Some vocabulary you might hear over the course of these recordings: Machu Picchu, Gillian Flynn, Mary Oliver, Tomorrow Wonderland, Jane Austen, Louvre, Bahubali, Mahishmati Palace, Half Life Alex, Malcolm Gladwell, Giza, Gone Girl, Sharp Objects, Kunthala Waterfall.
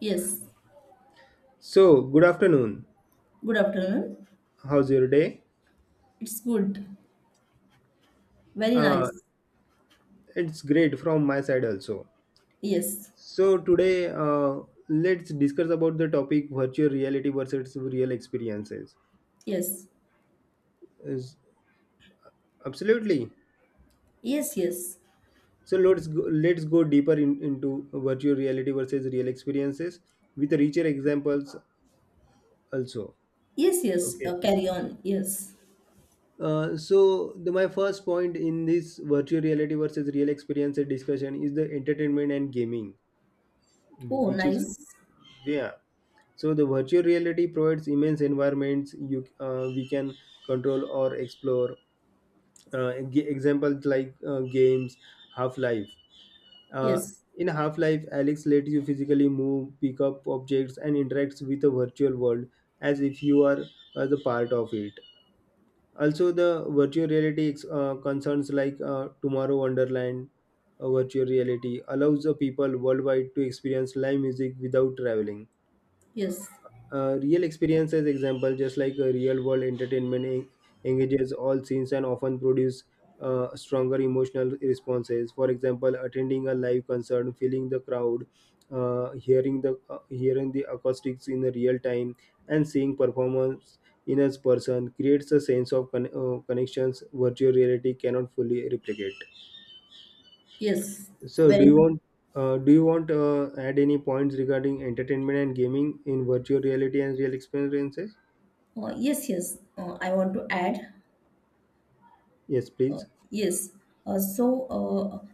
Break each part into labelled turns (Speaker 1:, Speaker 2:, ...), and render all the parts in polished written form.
Speaker 1: Yes,
Speaker 2: So, good afternoon.
Speaker 1: good afternoon.
Speaker 2: How's your day?
Speaker 1: It's good. Very
Speaker 2: Uh,
Speaker 1: nice.
Speaker 2: it's great from my side also.
Speaker 1: Yes,
Speaker 2: So, today let's discuss about the topic virtual reality versus real experiences.
Speaker 1: yes,
Speaker 2: Is absolutely.
Speaker 1: yes, yes,
Speaker 2: So let's go deeper into virtual reality versus real experiences with richer examples also.
Speaker 1: yes, yes.
Speaker 2: Okay.
Speaker 1: Carry on. Yes.
Speaker 2: So my first point in this virtual reality versus real experiences discussion is the entertainment and gaming,
Speaker 1: Oh,
Speaker 2: which is
Speaker 1: nice.
Speaker 2: yeah. So the virtual reality provides immense environments you we can control or explore. Examples like games, Half Life. Uh,
Speaker 1: Yes,
Speaker 2: in Half Life, Alex lets you physically move, pick up objects, and interacts with the virtual world as if you are the part of it. Also, the virtual reality concerns like Tomorrow Wonderland. Virtual reality allows the people worldwide to experience live music without traveling.
Speaker 1: yes,
Speaker 2: Real experiences example just like real world entertainment engages all scenes and often produce stronger emotional responses. For example, attending a live concert, feeling the crowd, hearing the acoustics in the real time, and seeing performance in a person creates a sense of connections virtual reality cannot fully replicate.
Speaker 1: yes.
Speaker 2: So
Speaker 1: Very.
Speaker 2: do you want add any points regarding entertainment and gaming in virtual reality and real experiences?
Speaker 1: Oh, yes, yes. I want to add.
Speaker 2: Yes,
Speaker 1: Uh,
Speaker 2: please.
Speaker 1: yes. Uh, so uh,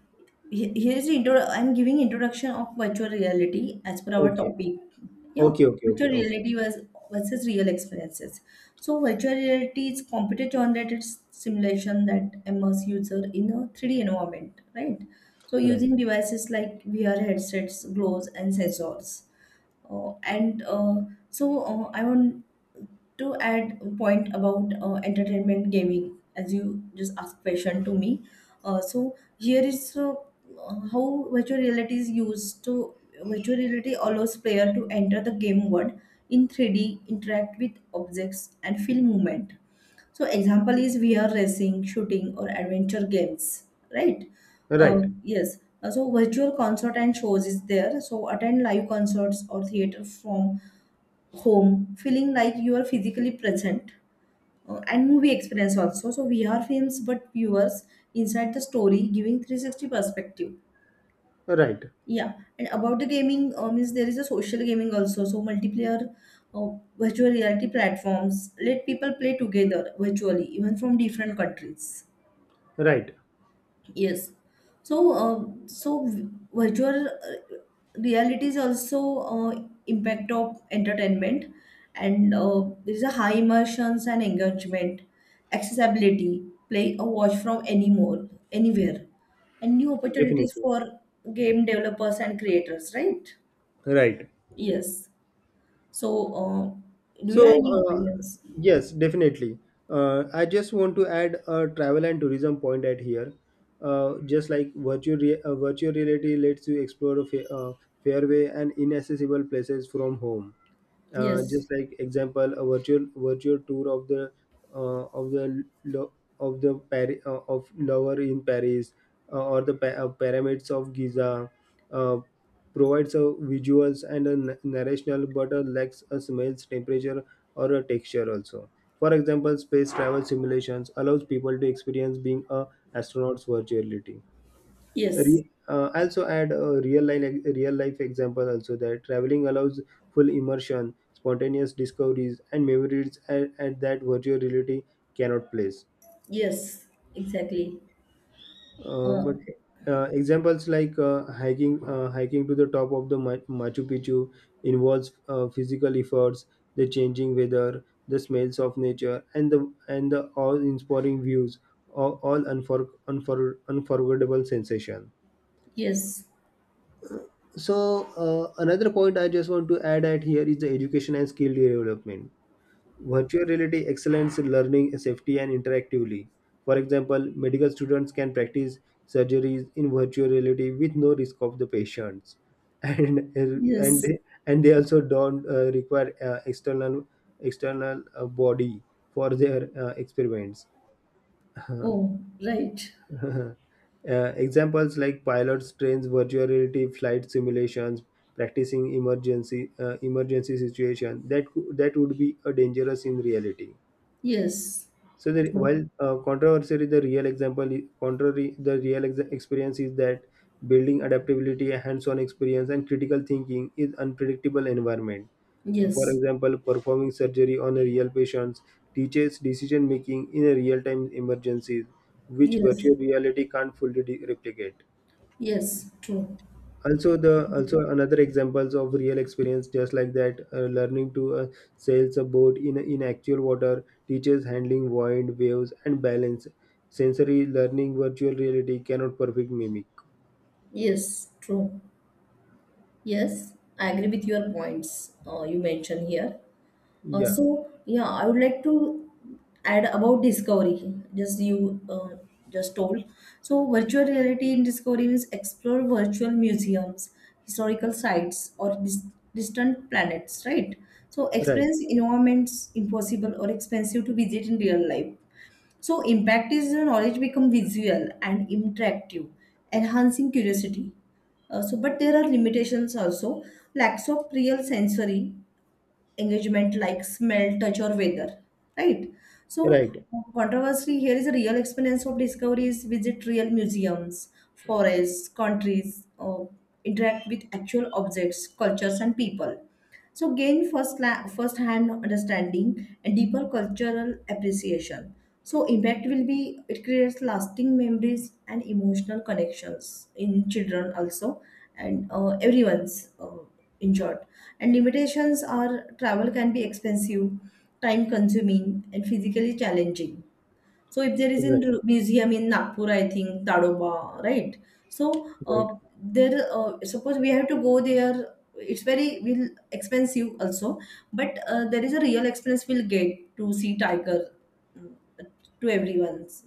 Speaker 1: Here is the intro. I'm giving introduction of virtual reality as per our
Speaker 2: Okay.
Speaker 1: topic. Yeah,
Speaker 2: Okay, okay,
Speaker 1: virtual
Speaker 2: okay, okay.
Speaker 1: reality was versus real experiences. So virtual reality is computer generated simulation that immerse user in a 3D environment, right? So
Speaker 2: Right.
Speaker 1: using devices like VR headsets, gloves, and sensors. And so I want to add a point about entertainment gaming as you just asked question to me. So here is how virtual reality is used to virtual reality allows player to enter the game world in 3D, interact with objects and feel movement. So example is vr racing, shooting or adventure games, right? uh,
Speaker 2: Right.
Speaker 1: yes. So virtual concert and shows is there, so attend live concerts or theater from home, feeling like you are physically present. And movie experience also, so vr films, but viewers inside the story giving 360 perspective.
Speaker 2: Right.
Speaker 1: Yeah, and about the gaming, means there is a social gaming also, so multiplayer uh, virtual reality platforms let people play together virtually, even from different countries.
Speaker 2: Right.
Speaker 1: Yes. So virtual reality is also impact of entertainment, and there is a high immersions and engagement, accessibility, play a watch from anymore, anywhere, and new opportunities
Speaker 2: Definitely.
Speaker 1: for game developers and creators. Right?
Speaker 2: Right.
Speaker 1: Yes. So, do you
Speaker 2: So,
Speaker 1: have any opinions?
Speaker 2: yes, definitely. I just want to add a travel and tourism point at here. Just like virtual reality lets you explore a fairway and inaccessible places from home.
Speaker 1: Yes.
Speaker 2: Just like example, a virtual tour of the uh, of the lo- of the of Louvre in Paris, or the pyramids of Giza, uh, provides a visuals and a narrational, but a lacks a smells, temperature or a texture also. For example, space travel simulations allows people to experience being a astronaut's virtuality.
Speaker 1: Yes.
Speaker 2: Also add a real life example also that traveling allows full immersion, spontaneous discoveries and memories at that virtual reality cannot place.
Speaker 1: Yes. Exactly. Uh,
Speaker 2: But examples like hiking to the top of the Machu Picchu involves physical efforts, the changing weather, the smells of nature, and the awe-inspiring views, all unforgettable sensation.
Speaker 1: yes.
Speaker 2: So another point I just want to add at here is the education and skill development. Virtual reality excellence in learning safety and interactively. For example, medical students can practice surgeries in virtual reality with no risk of the patients, and
Speaker 1: Yes.
Speaker 2: they also don't require external body for their experiments.
Speaker 1: Oh, right.
Speaker 2: Examples like pilots trains virtual reality flight simulations, practicing emergency situation that that would be a dangerous in reality.
Speaker 1: Yes,
Speaker 2: So
Speaker 1: true.
Speaker 2: while controversy, the real example, contrary, the experience is that building adaptability, hands-on experience, and critical thinking is unpredictable environment. For
Speaker 1: Yes,
Speaker 2: example, performing surgery on a real patients teaches decision making in a real-time emergencies, which
Speaker 1: yes,
Speaker 2: virtual reality can't fully replicate.
Speaker 1: yes, true.
Speaker 2: Also the,
Speaker 1: Exactly.
Speaker 2: also another examples of real experience just like that learning to sail a boat in actual water teaches handling wind, waves and balance, sensory learning virtual reality cannot perfect mimic.
Speaker 1: Yes, true. Yes, I agree with your points you mentioned here.
Speaker 2: Yeah.
Speaker 1: So, yeah, I would like to add about discovery, just you just told. So, virtual reality in discovery means explore virtual museums, historical sites, or distant planets, right? So,
Speaker 2: Right.
Speaker 1: experience environments impossible or expensive to visit in real life. So impact is the knowledge become visual and interactive, enhancing curiosity. So, but there are limitations also. Lacks of real sensory engagement like smell, touch, or weather, right? So,
Speaker 2: Right.
Speaker 1: controversy here is a real experience of discoveries, visit real museums, forests, countries, interact with actual objects, cultures, and people. So, gain first-hand understanding and deeper cultural appreciation. So, impact will be it creates lasting memories and emotional connections in children also, and everyone's enjoyed. And limitations are travel can be expensive, time consuming and physically challenging. So if there is a
Speaker 2: Right.
Speaker 1: museum in Nagpur, I think Tadoba, right? So
Speaker 2: Right.
Speaker 1: uh, there, suppose we have to go there. It's very will expensive also, but there is a real experience, we'll get to see tiger. mm, to everyone's,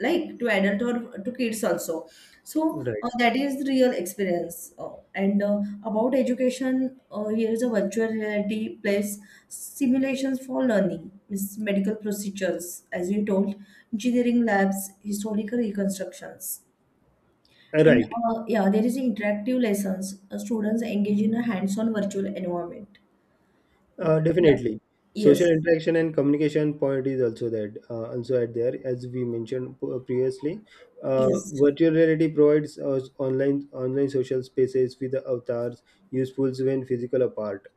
Speaker 1: like to adult or to kids also. So
Speaker 2: Right.
Speaker 1: uh, that is the real experience. And about education, here is a virtual reality place simulations for learning, means medical procedures, as you told, engineering labs, historical reconstructions. And
Speaker 2: Right.
Speaker 1: yeah, there is interactive lessons. Students engage in a hands-on virtual environment. Oh, yeah.
Speaker 2: Definitely. Social
Speaker 1: Yes.
Speaker 2: interaction and communication point is also that also at there as we mentioned previously.
Speaker 1: Yes.
Speaker 2: Virtual reality provides us online social spaces with the avatars, useful when physical apart.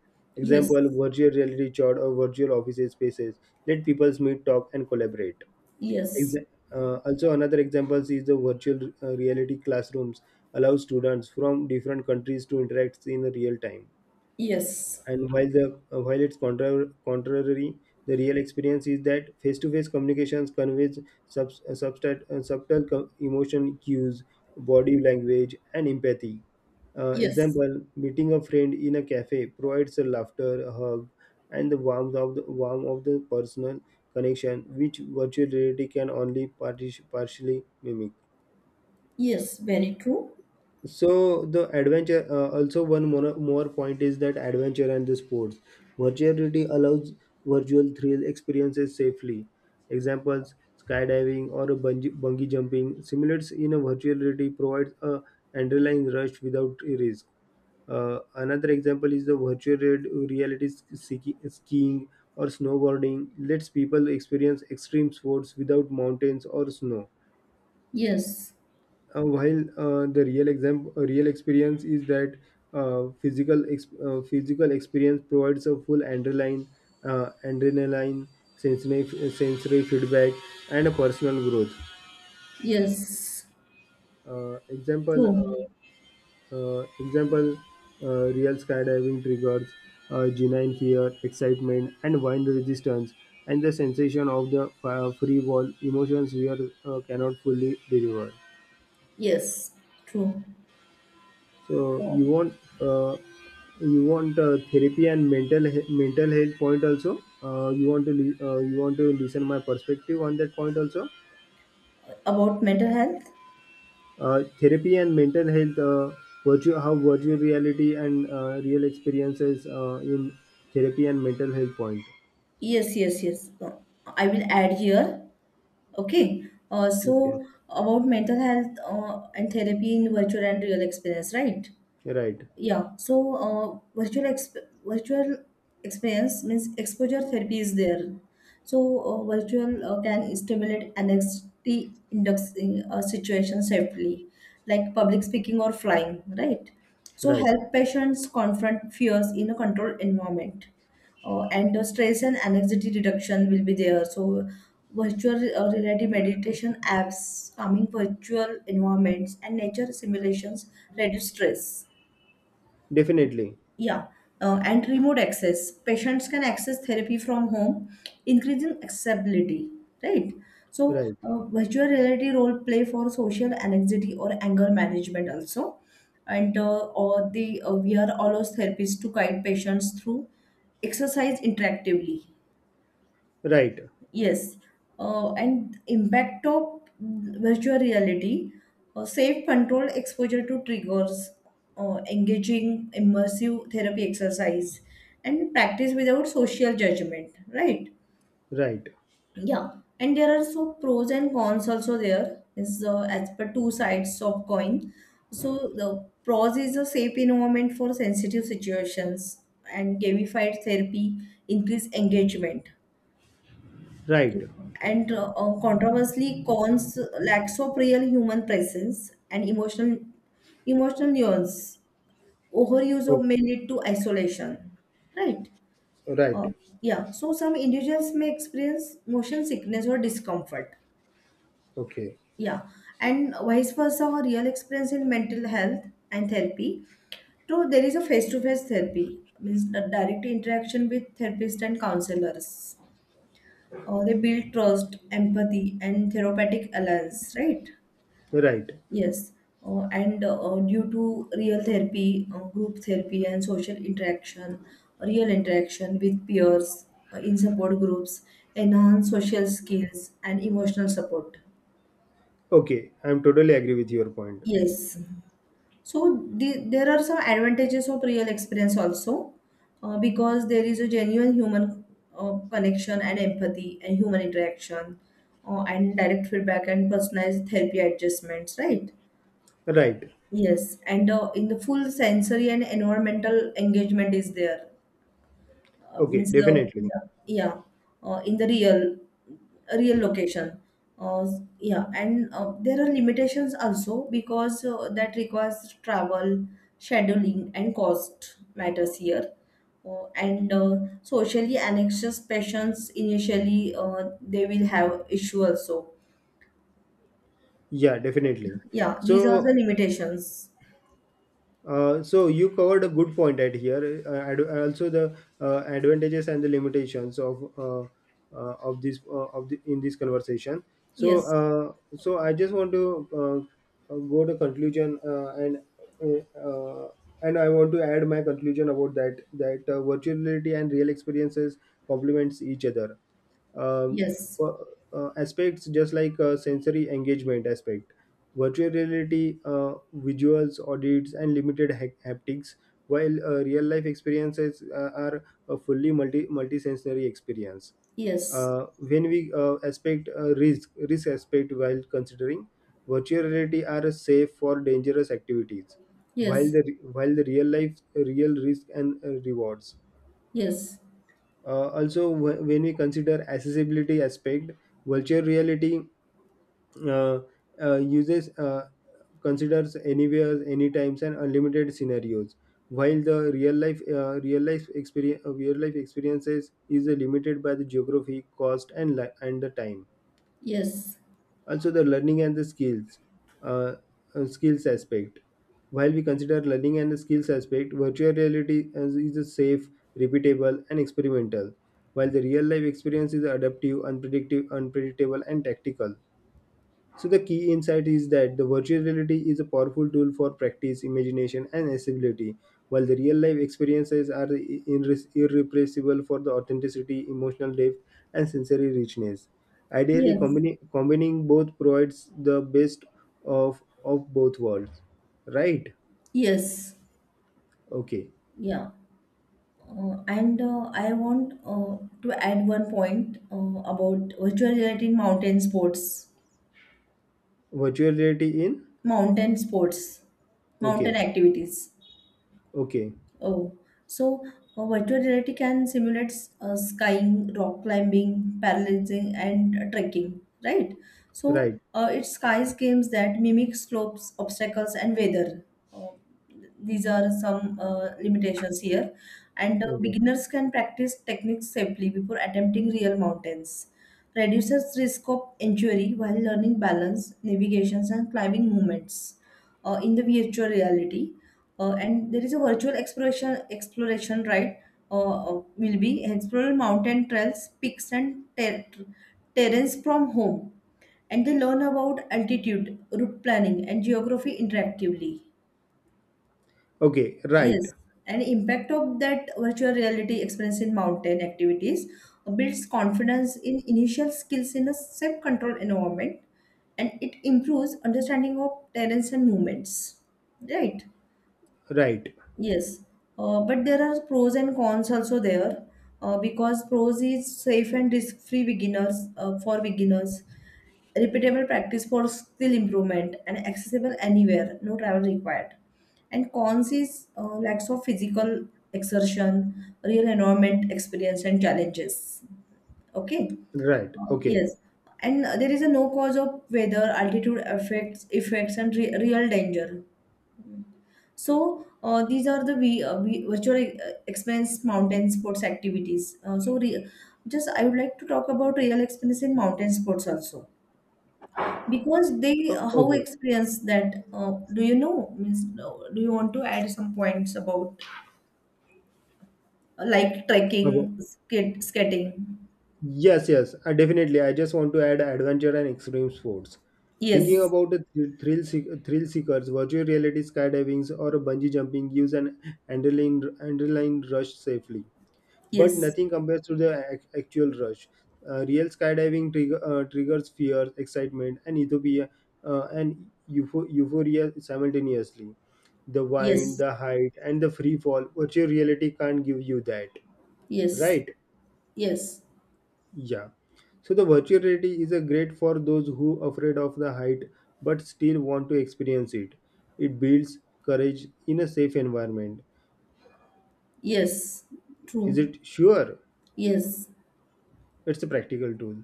Speaker 1: Yes.
Speaker 2: Example: virtual reality chat or virtual office spaces let people meet, talk, and collaborate.
Speaker 1: Yes.
Speaker 2: Exa- Also, another example is the virtual reality classrooms allow students from different countries to interact in real time.
Speaker 1: Yes.
Speaker 2: And while it's contrary, the real experience is that face-to-face communications conveys subtle emotion cues, body language, and empathy.
Speaker 1: Yes.
Speaker 2: Example: meeting a friend in a cafe provides a laughter, a hug, and the warmth of the personal connection, which virtual reality can only partially mimic.
Speaker 1: Yes. Very true.
Speaker 2: So the adventure, more point is that adventure and the sports. Virtuality allows virtual thrill experiences safely. Examples, skydiving or a bungee jumping simulates in a virtuality provides a underlying rush without risk. Uh, another example is the virtual reality skiing or snowboarding lets people experience extreme sports without mountains or snow.
Speaker 1: Yes.
Speaker 2: Uh, while the real experience is that physical experience provides a full adrenaline, sensory sensory feedback and a personal growth.
Speaker 1: Yes.
Speaker 2: Example
Speaker 1: True.
Speaker 2: example Real skydiving triggers genuine fear, excitement and wind resistance, and the sensation of the free fall emotions we are, cannot fully deliver.
Speaker 1: Yes. True.
Speaker 2: So
Speaker 1: Oh,
Speaker 2: uh, you want therapy and mental he- mental health point also. You want to you want to listen my perspective on that point also.
Speaker 1: about mental health?
Speaker 2: Therapy and mental health, virtual, how virtual reality and real experiences in therapy and mental health point.
Speaker 1: Yes. Yes. Yes. I will add here. Okay,
Speaker 2: Okay,
Speaker 1: so about mental health and therapy in virtual and real experience, right?
Speaker 2: right,
Speaker 1: Yeah, so virtual experience means exposure therapy is there. So virtual can stimulate anxiety inducing situation safely, like public speaking or flying, right? So
Speaker 2: right,
Speaker 1: help patients confront fears in a controlled environment. And the stress and anxiety reduction will be there, so virtual reality meditation apps, calming virtual environments and nature simulations reduce stress.
Speaker 2: definitely,
Speaker 1: Yeah, and remote access. Patients can access therapy from home, increasing accessibility, right? So,
Speaker 2: right,
Speaker 1: virtual reality role play for social anxiety or anger management also, and or the VR allows therapists to guide patients through exercise interactively.
Speaker 2: right,
Speaker 1: Yes, and impact of virtual reality, safe controlled exposure to triggers, engaging immersive therapy exercise, and practice without social judgment, right?
Speaker 2: right,
Speaker 1: Yeah, and there are so pros and cons also, there is as per two sides of coin. So the pros is a safe environment for sensitive situations, and gamified therapy increase engagement, yeah.
Speaker 2: right,
Speaker 1: And controversially, cons lacks of real human presence and emotional nuance. Overuse
Speaker 2: oh,
Speaker 1: of may lead to isolation, right? Uh,
Speaker 2: right,
Speaker 1: yeah. So some individuals may experience motion sickness or discomfort.
Speaker 2: okay,
Speaker 1: Yeah, and vice versa, a real experience in mental health and therapy. So there is a face-to-face therapy, means the direct interaction with therapist and counselors. They build trust, empathy, and therapeutic alliance, right?
Speaker 2: right,
Speaker 1: Yes. And due to real therapy, group therapy, and social interaction, real interaction with peers in support groups, enhance social skills and emotional support.
Speaker 2: okay. I'm totally agree with your point.
Speaker 1: Yes. So the, there are some advantages of real experience also, because there is a genuine human connection and empathy and human interaction, and direct feedback and personalized therapy adjustments, right?
Speaker 2: Right.
Speaker 1: Yes, and in the full sensory and environmental engagement is there.
Speaker 2: Okay,
Speaker 1: Means the,
Speaker 2: definitely.
Speaker 1: yeah. Yeah, in the real location, uh, yeah. And there are limitations also, because that requires travel scheduling and cost matters here. And socially anxious patients initially, they will have issue also.
Speaker 2: Yeah, definitely.
Speaker 1: Yeah, these are the
Speaker 2: So,
Speaker 1: limitations.
Speaker 2: so you covered a good point at here. Also, the advantages and the limitations of this of the, in this conversation. So,
Speaker 1: Yes,
Speaker 2: so I just want to go to conclusion, uh, uh, and I want to add my conclusion about that virtual reality and real experiences complements each other um,
Speaker 1: yes,
Speaker 2: uh, aspects just like sensory engagement aspect. Virtual reality visuals, audits and limited haptics, while real life experiences are a fully multisensory experience.
Speaker 1: yes,
Speaker 2: Uh, when we aspect risk risk aspect: while considering virtual reality are safe for dangerous activities, while
Speaker 1: yes,
Speaker 2: the real life, real risk and rewards.
Speaker 1: yes,
Speaker 2: Uh, also, when we consider accessibility aspect, virtual reality uh, uses considers anywhere, any times, and unlimited scenarios, while the real life experiences is limited by the geography, cost, and and the time.
Speaker 1: yes,
Speaker 2: Also the learning and the skills, uh, skills aspect: while we consider learning and the skills aspect, virtual reality is a safe, repeatable and experimental, while the real life experience is adaptive, unpredictable and tactical. So the key insight is that the virtual reality is a powerful tool for practice, imagination, and accessibility, while the real life experiences are irrepressible for the authenticity, emotional depth, and sensory richness. Ideally,
Speaker 1: yes,
Speaker 2: combining both provides the best of both worlds. Right?
Speaker 1: yes,
Speaker 2: Okay.
Speaker 1: yeah. And I want to add one point about virtual reality in mountain sports,
Speaker 2: Virtual reality in?
Speaker 1: mountain sports, mountain
Speaker 2: Okay.
Speaker 1: activities.
Speaker 2: Okay.
Speaker 1: Oh, so virtual reality can simulate skiing, rock climbing, parallelism, and trekking, right? So
Speaker 2: Right.
Speaker 1: uh, it skies games that mimic slopes, obstacles, and weather. Uh, these are some limitations here, and
Speaker 2: Okay.
Speaker 1: beginners can practice techniques safely before attempting real mountains. Reduces risk of injury while learning balance, navigations, and climbing movements in the virtual reality. And there is a virtual exploration, right? Will be explore mountain trails, peaks and terrains from home, and they learn about altitude route planning and geography interactively.
Speaker 2: Okay. Right.
Speaker 1: Yes, and impact of that virtual reality experience in mountain activities builds confidence in initial skills in a self control environment, and it improves understanding of terrains and movements, right?
Speaker 2: Right.
Speaker 1: Yes, but there are pros and cons also there, because pros is safe and risk-free beginners, for beginners, repeatable practice for skill improvement and accessible anywhere, no travel required. And cons is lacks of physical exertion, real environment experience and challenges. Okay.
Speaker 2: Right. Okay.
Speaker 1: Yes, and there is a no cause of weather, altitude effects and re real danger. So these are the virtual experience mountain sports activities. Just I would like to talk about real experience in mountain sports also, because they
Speaker 2: O-
Speaker 1: how
Speaker 2: Okay.
Speaker 1: experience that, do you know, means do you want to add some points about like
Speaker 2: Okay.
Speaker 1: trekking, skating?
Speaker 2: Yes, yes, definitely. I just want to add adventure and extreme sports. Thinking
Speaker 1: Yes,
Speaker 2: about the thrill seekers, virtual reality skydivings, or a bungee jumping gives an adrenaline rush safely, but
Speaker 1: yes,
Speaker 2: nothing compares to the actual rush. Real skydiving triggers fear, excitement, and utopia, and euphoria simultaneously. The wind,
Speaker 1: yes,
Speaker 2: the height, and the free fall. Virtual reality can't give you that,
Speaker 1: yes,
Speaker 2: right?
Speaker 1: yes,
Speaker 2: Yeah. So the virtual reality is a great for those who afraid of the height, but still want to experience it. It builds courage in a safe environment.
Speaker 1: yes.
Speaker 2: Is
Speaker 1: True.
Speaker 2: it sure?
Speaker 1: Yes,
Speaker 2: It's a practical tool.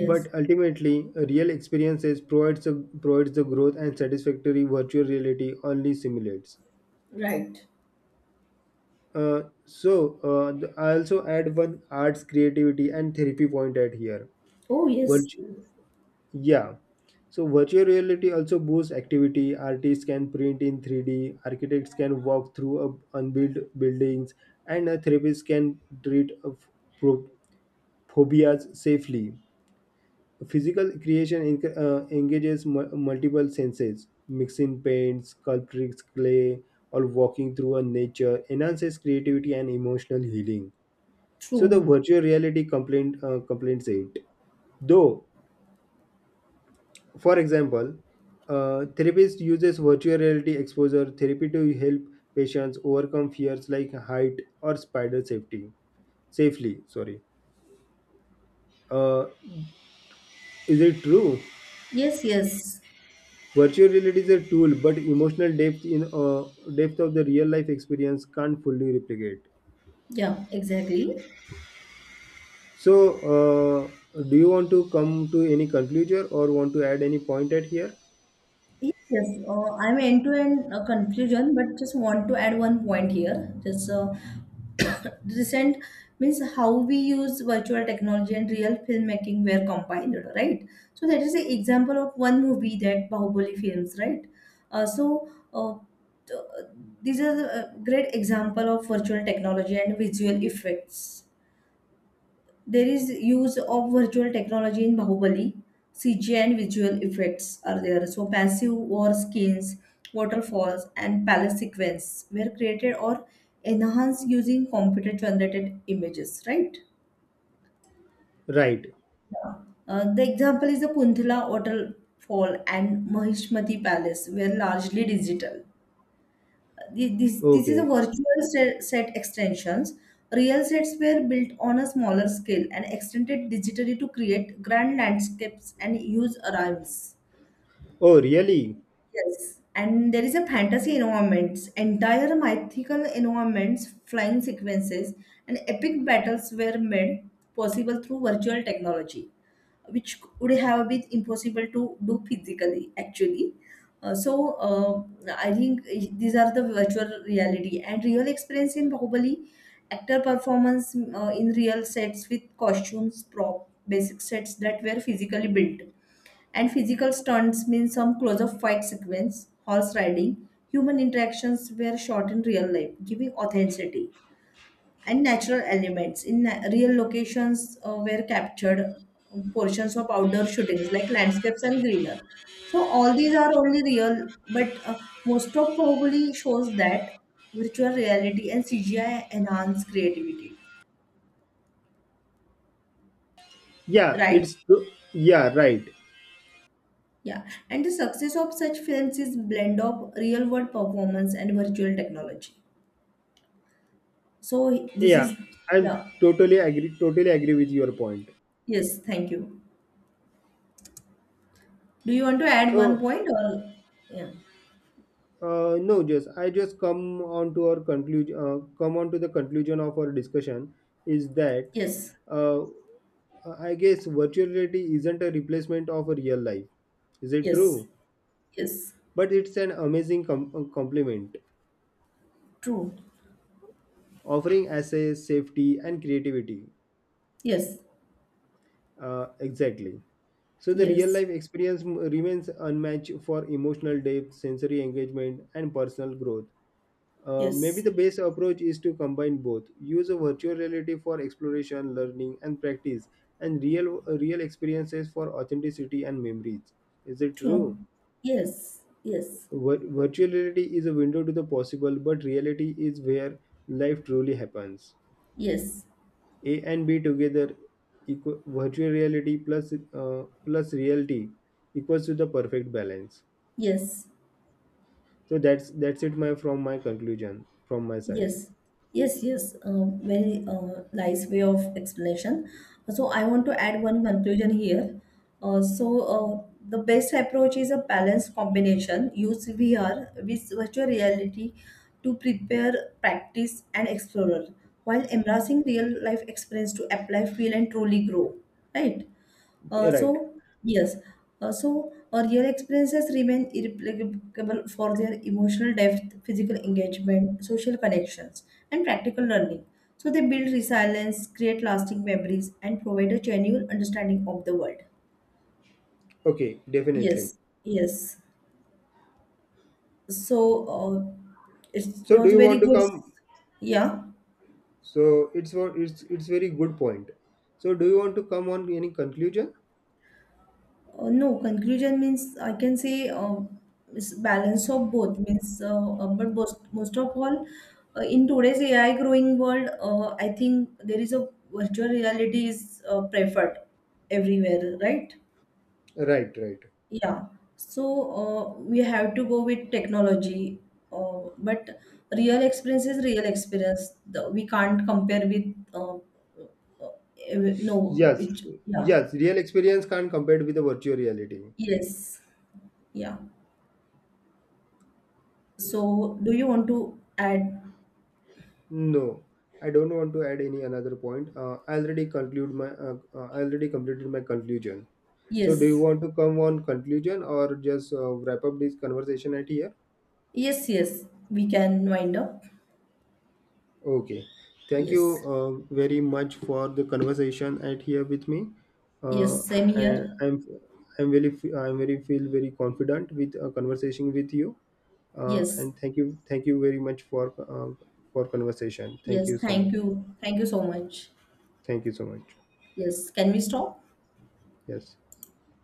Speaker 2: But ultimately, a real experiences provides a, provides the growth and satisfactory virtual reality only simulates.
Speaker 1: Right.
Speaker 2: So I also add one arts, creativity, and therapy point at here.
Speaker 1: Oh, yes.
Speaker 2: Virtu- Yeah. So virtual reality also boosts activity. Artists can print in 3D, architects can walk through unbuilt buildings, and a therapist can treat pro- phobias safely. Physical creation engages multiple senses. Mixing paints, sculpturing clay, or walking through a nature enhances creativity and emotional healing. So the
Speaker 1: True.
Speaker 2: virtual reality complaint complains it. Though, for example, therapist uses virtual reality exposure therapy to help patients overcome fears like height or spider safety safely. Sorry. Uh, is it true?
Speaker 1: Yes, yes.
Speaker 2: Virtual reality is a tool, but emotional depth in depth of the real life experience can't fully replicate.
Speaker 1: Yeah, exactly.
Speaker 2: So, do you want to come to any conclusion or want to add any point at here?
Speaker 1: Yes, I'm end-to-end confusion, but just want to add one point here. Just recent means how we use virtual technology and real filmmaking were combined, right? So that is an example of one movie, that Bahubali films, right? Uh, so uh, th- these are a great example of virtual technology and visual effects. There is use of virtual technology in Bahubali. CGI and visual effects are there. So passive war skins, waterfalls, and palace sequence were created or enhanced using computer generated images, right?
Speaker 2: Right.
Speaker 1: Yeah. The example is the Kunthala Waterfall and Mahishmati Palace were largely digital. This is a
Speaker 2: Okay.
Speaker 1: virtual set extensions. Real sets were built on a smaller scale and extended digitally to create grand landscapes and huge arrays.
Speaker 2: Oh, really?
Speaker 1: Yes, and there is a fantasy environments, entire mythical environments, flying sequences, and epic battles were made possible through virtual technology, which would have been impossible to do physically, actually. Uh, so uh, I think these are the virtual reality and real experience in Bahubali. Actor performance in real sets with costumes, prop, basic sets that were physically built, and physical stunts means some close-up fight sequence, horse riding, human interactions were shot in real life, giving authenticity. And natural elements in real locations were captured. Portions of outdoor shootings like landscapes and greener. So all these are only real, but most of probably shows that virtual reality and CGI enhance creativity,
Speaker 2: Yeah,
Speaker 1: right?
Speaker 2: it's true. Yeah, right.
Speaker 1: Yeah, and the success of such films is blend of real world performance and virtual technology. So this
Speaker 2: Yeah,
Speaker 1: is,
Speaker 2: I'm
Speaker 1: yeah.
Speaker 2: totally agree. Totally agree with your point.
Speaker 1: Yes, thank you. Do you want to add one
Speaker 2: So,
Speaker 1: point or yeah?
Speaker 2: no, just I just come on to our conclusion. Come on to the conclusion of our discussion is that,
Speaker 1: Yes,
Speaker 2: uh, I guess virtual reality isn't a replacement of a real life. Is it
Speaker 1: yes,
Speaker 2: true?
Speaker 1: yes.
Speaker 2: But it's an amazing complement,
Speaker 1: True.
Speaker 2: offering access, safety, and creativity.
Speaker 1: Yes,
Speaker 2: Exactly. So the real
Speaker 1: yes,
Speaker 2: life experience remains unmatched for emotional depth, sensory engagement, and personal growth. Maybe
Speaker 1: yes.
Speaker 2: the best approach is to combine both. Use a virtual reality for exploration, learning, and practice, and real experiences for authenticity and memories. Is it
Speaker 1: True.
Speaker 2: true?
Speaker 1: Yes, yes,
Speaker 2: Virtual reality is a window to the possible, but reality is where life truly happens.
Speaker 1: yes,
Speaker 2: A and B together, equal, virtual reality plus plus reality equals to the perfect balance.
Speaker 1: yes.
Speaker 2: So that's it. My from my conclusion from my side.
Speaker 1: Yes, yes, yes. Very nice way of explanation. So I want to add one conclusion here. So the best approach is a balanced combination. Use VR with virtual reality to prepare, practice, and explore, while embracing real life experience to apply, feel, and truly grow. Right.
Speaker 2: Right.
Speaker 1: So, yes, real experiences remain irreplicable for their emotional depth, physical engagement, social connections, and practical learning. So, they build resilience, create lasting memories, and provide a genuine understanding of the world.
Speaker 2: Okay. Definitely.
Speaker 1: Yes, yes. So, it
Speaker 2: So do
Speaker 1: was
Speaker 2: you
Speaker 1: very
Speaker 2: want to
Speaker 1: good.
Speaker 2: come?
Speaker 1: Yeah.
Speaker 2: So it's wa- it's very good point. So do you want to come on any conclusion?
Speaker 1: No, conclusion means I can say, is balance of both means, but most of all, in today's AI growing world, I think there is a virtual reality is preferred everywhere, right?
Speaker 2: Right, right.
Speaker 1: Yeah. So we have to go with technology, but real experience is real experience. We can't compare with no,
Speaker 2: Yes,
Speaker 1: it, yeah,
Speaker 2: yes. Real experience can't compare with the virtual reality.
Speaker 1: yes, yeah. So, do you want to add?
Speaker 2: No, I don't want to add any another point. I already conclude my , I already completed my conclusion. So do you
Speaker 1: Yes,
Speaker 2: want to come on conclusion or just wrap up this conversation at here?
Speaker 1: yes, yes. We can wind up.
Speaker 2: Okay. Thank you
Speaker 1: Yes,
Speaker 2: very much for the conversation at here with me. Uh,
Speaker 1: yes. Same
Speaker 2: I,
Speaker 1: here.
Speaker 2: I'm I'm I'm very feel very confident with a conversation with you.
Speaker 1: Yes,
Speaker 2: And thank you very much for conversation. Thank
Speaker 1: yes.
Speaker 2: you so
Speaker 1: Thank
Speaker 2: much.
Speaker 1: you. Thank you so much.
Speaker 2: Thank you so much.
Speaker 1: Yes. Can we stop?
Speaker 2: Yes.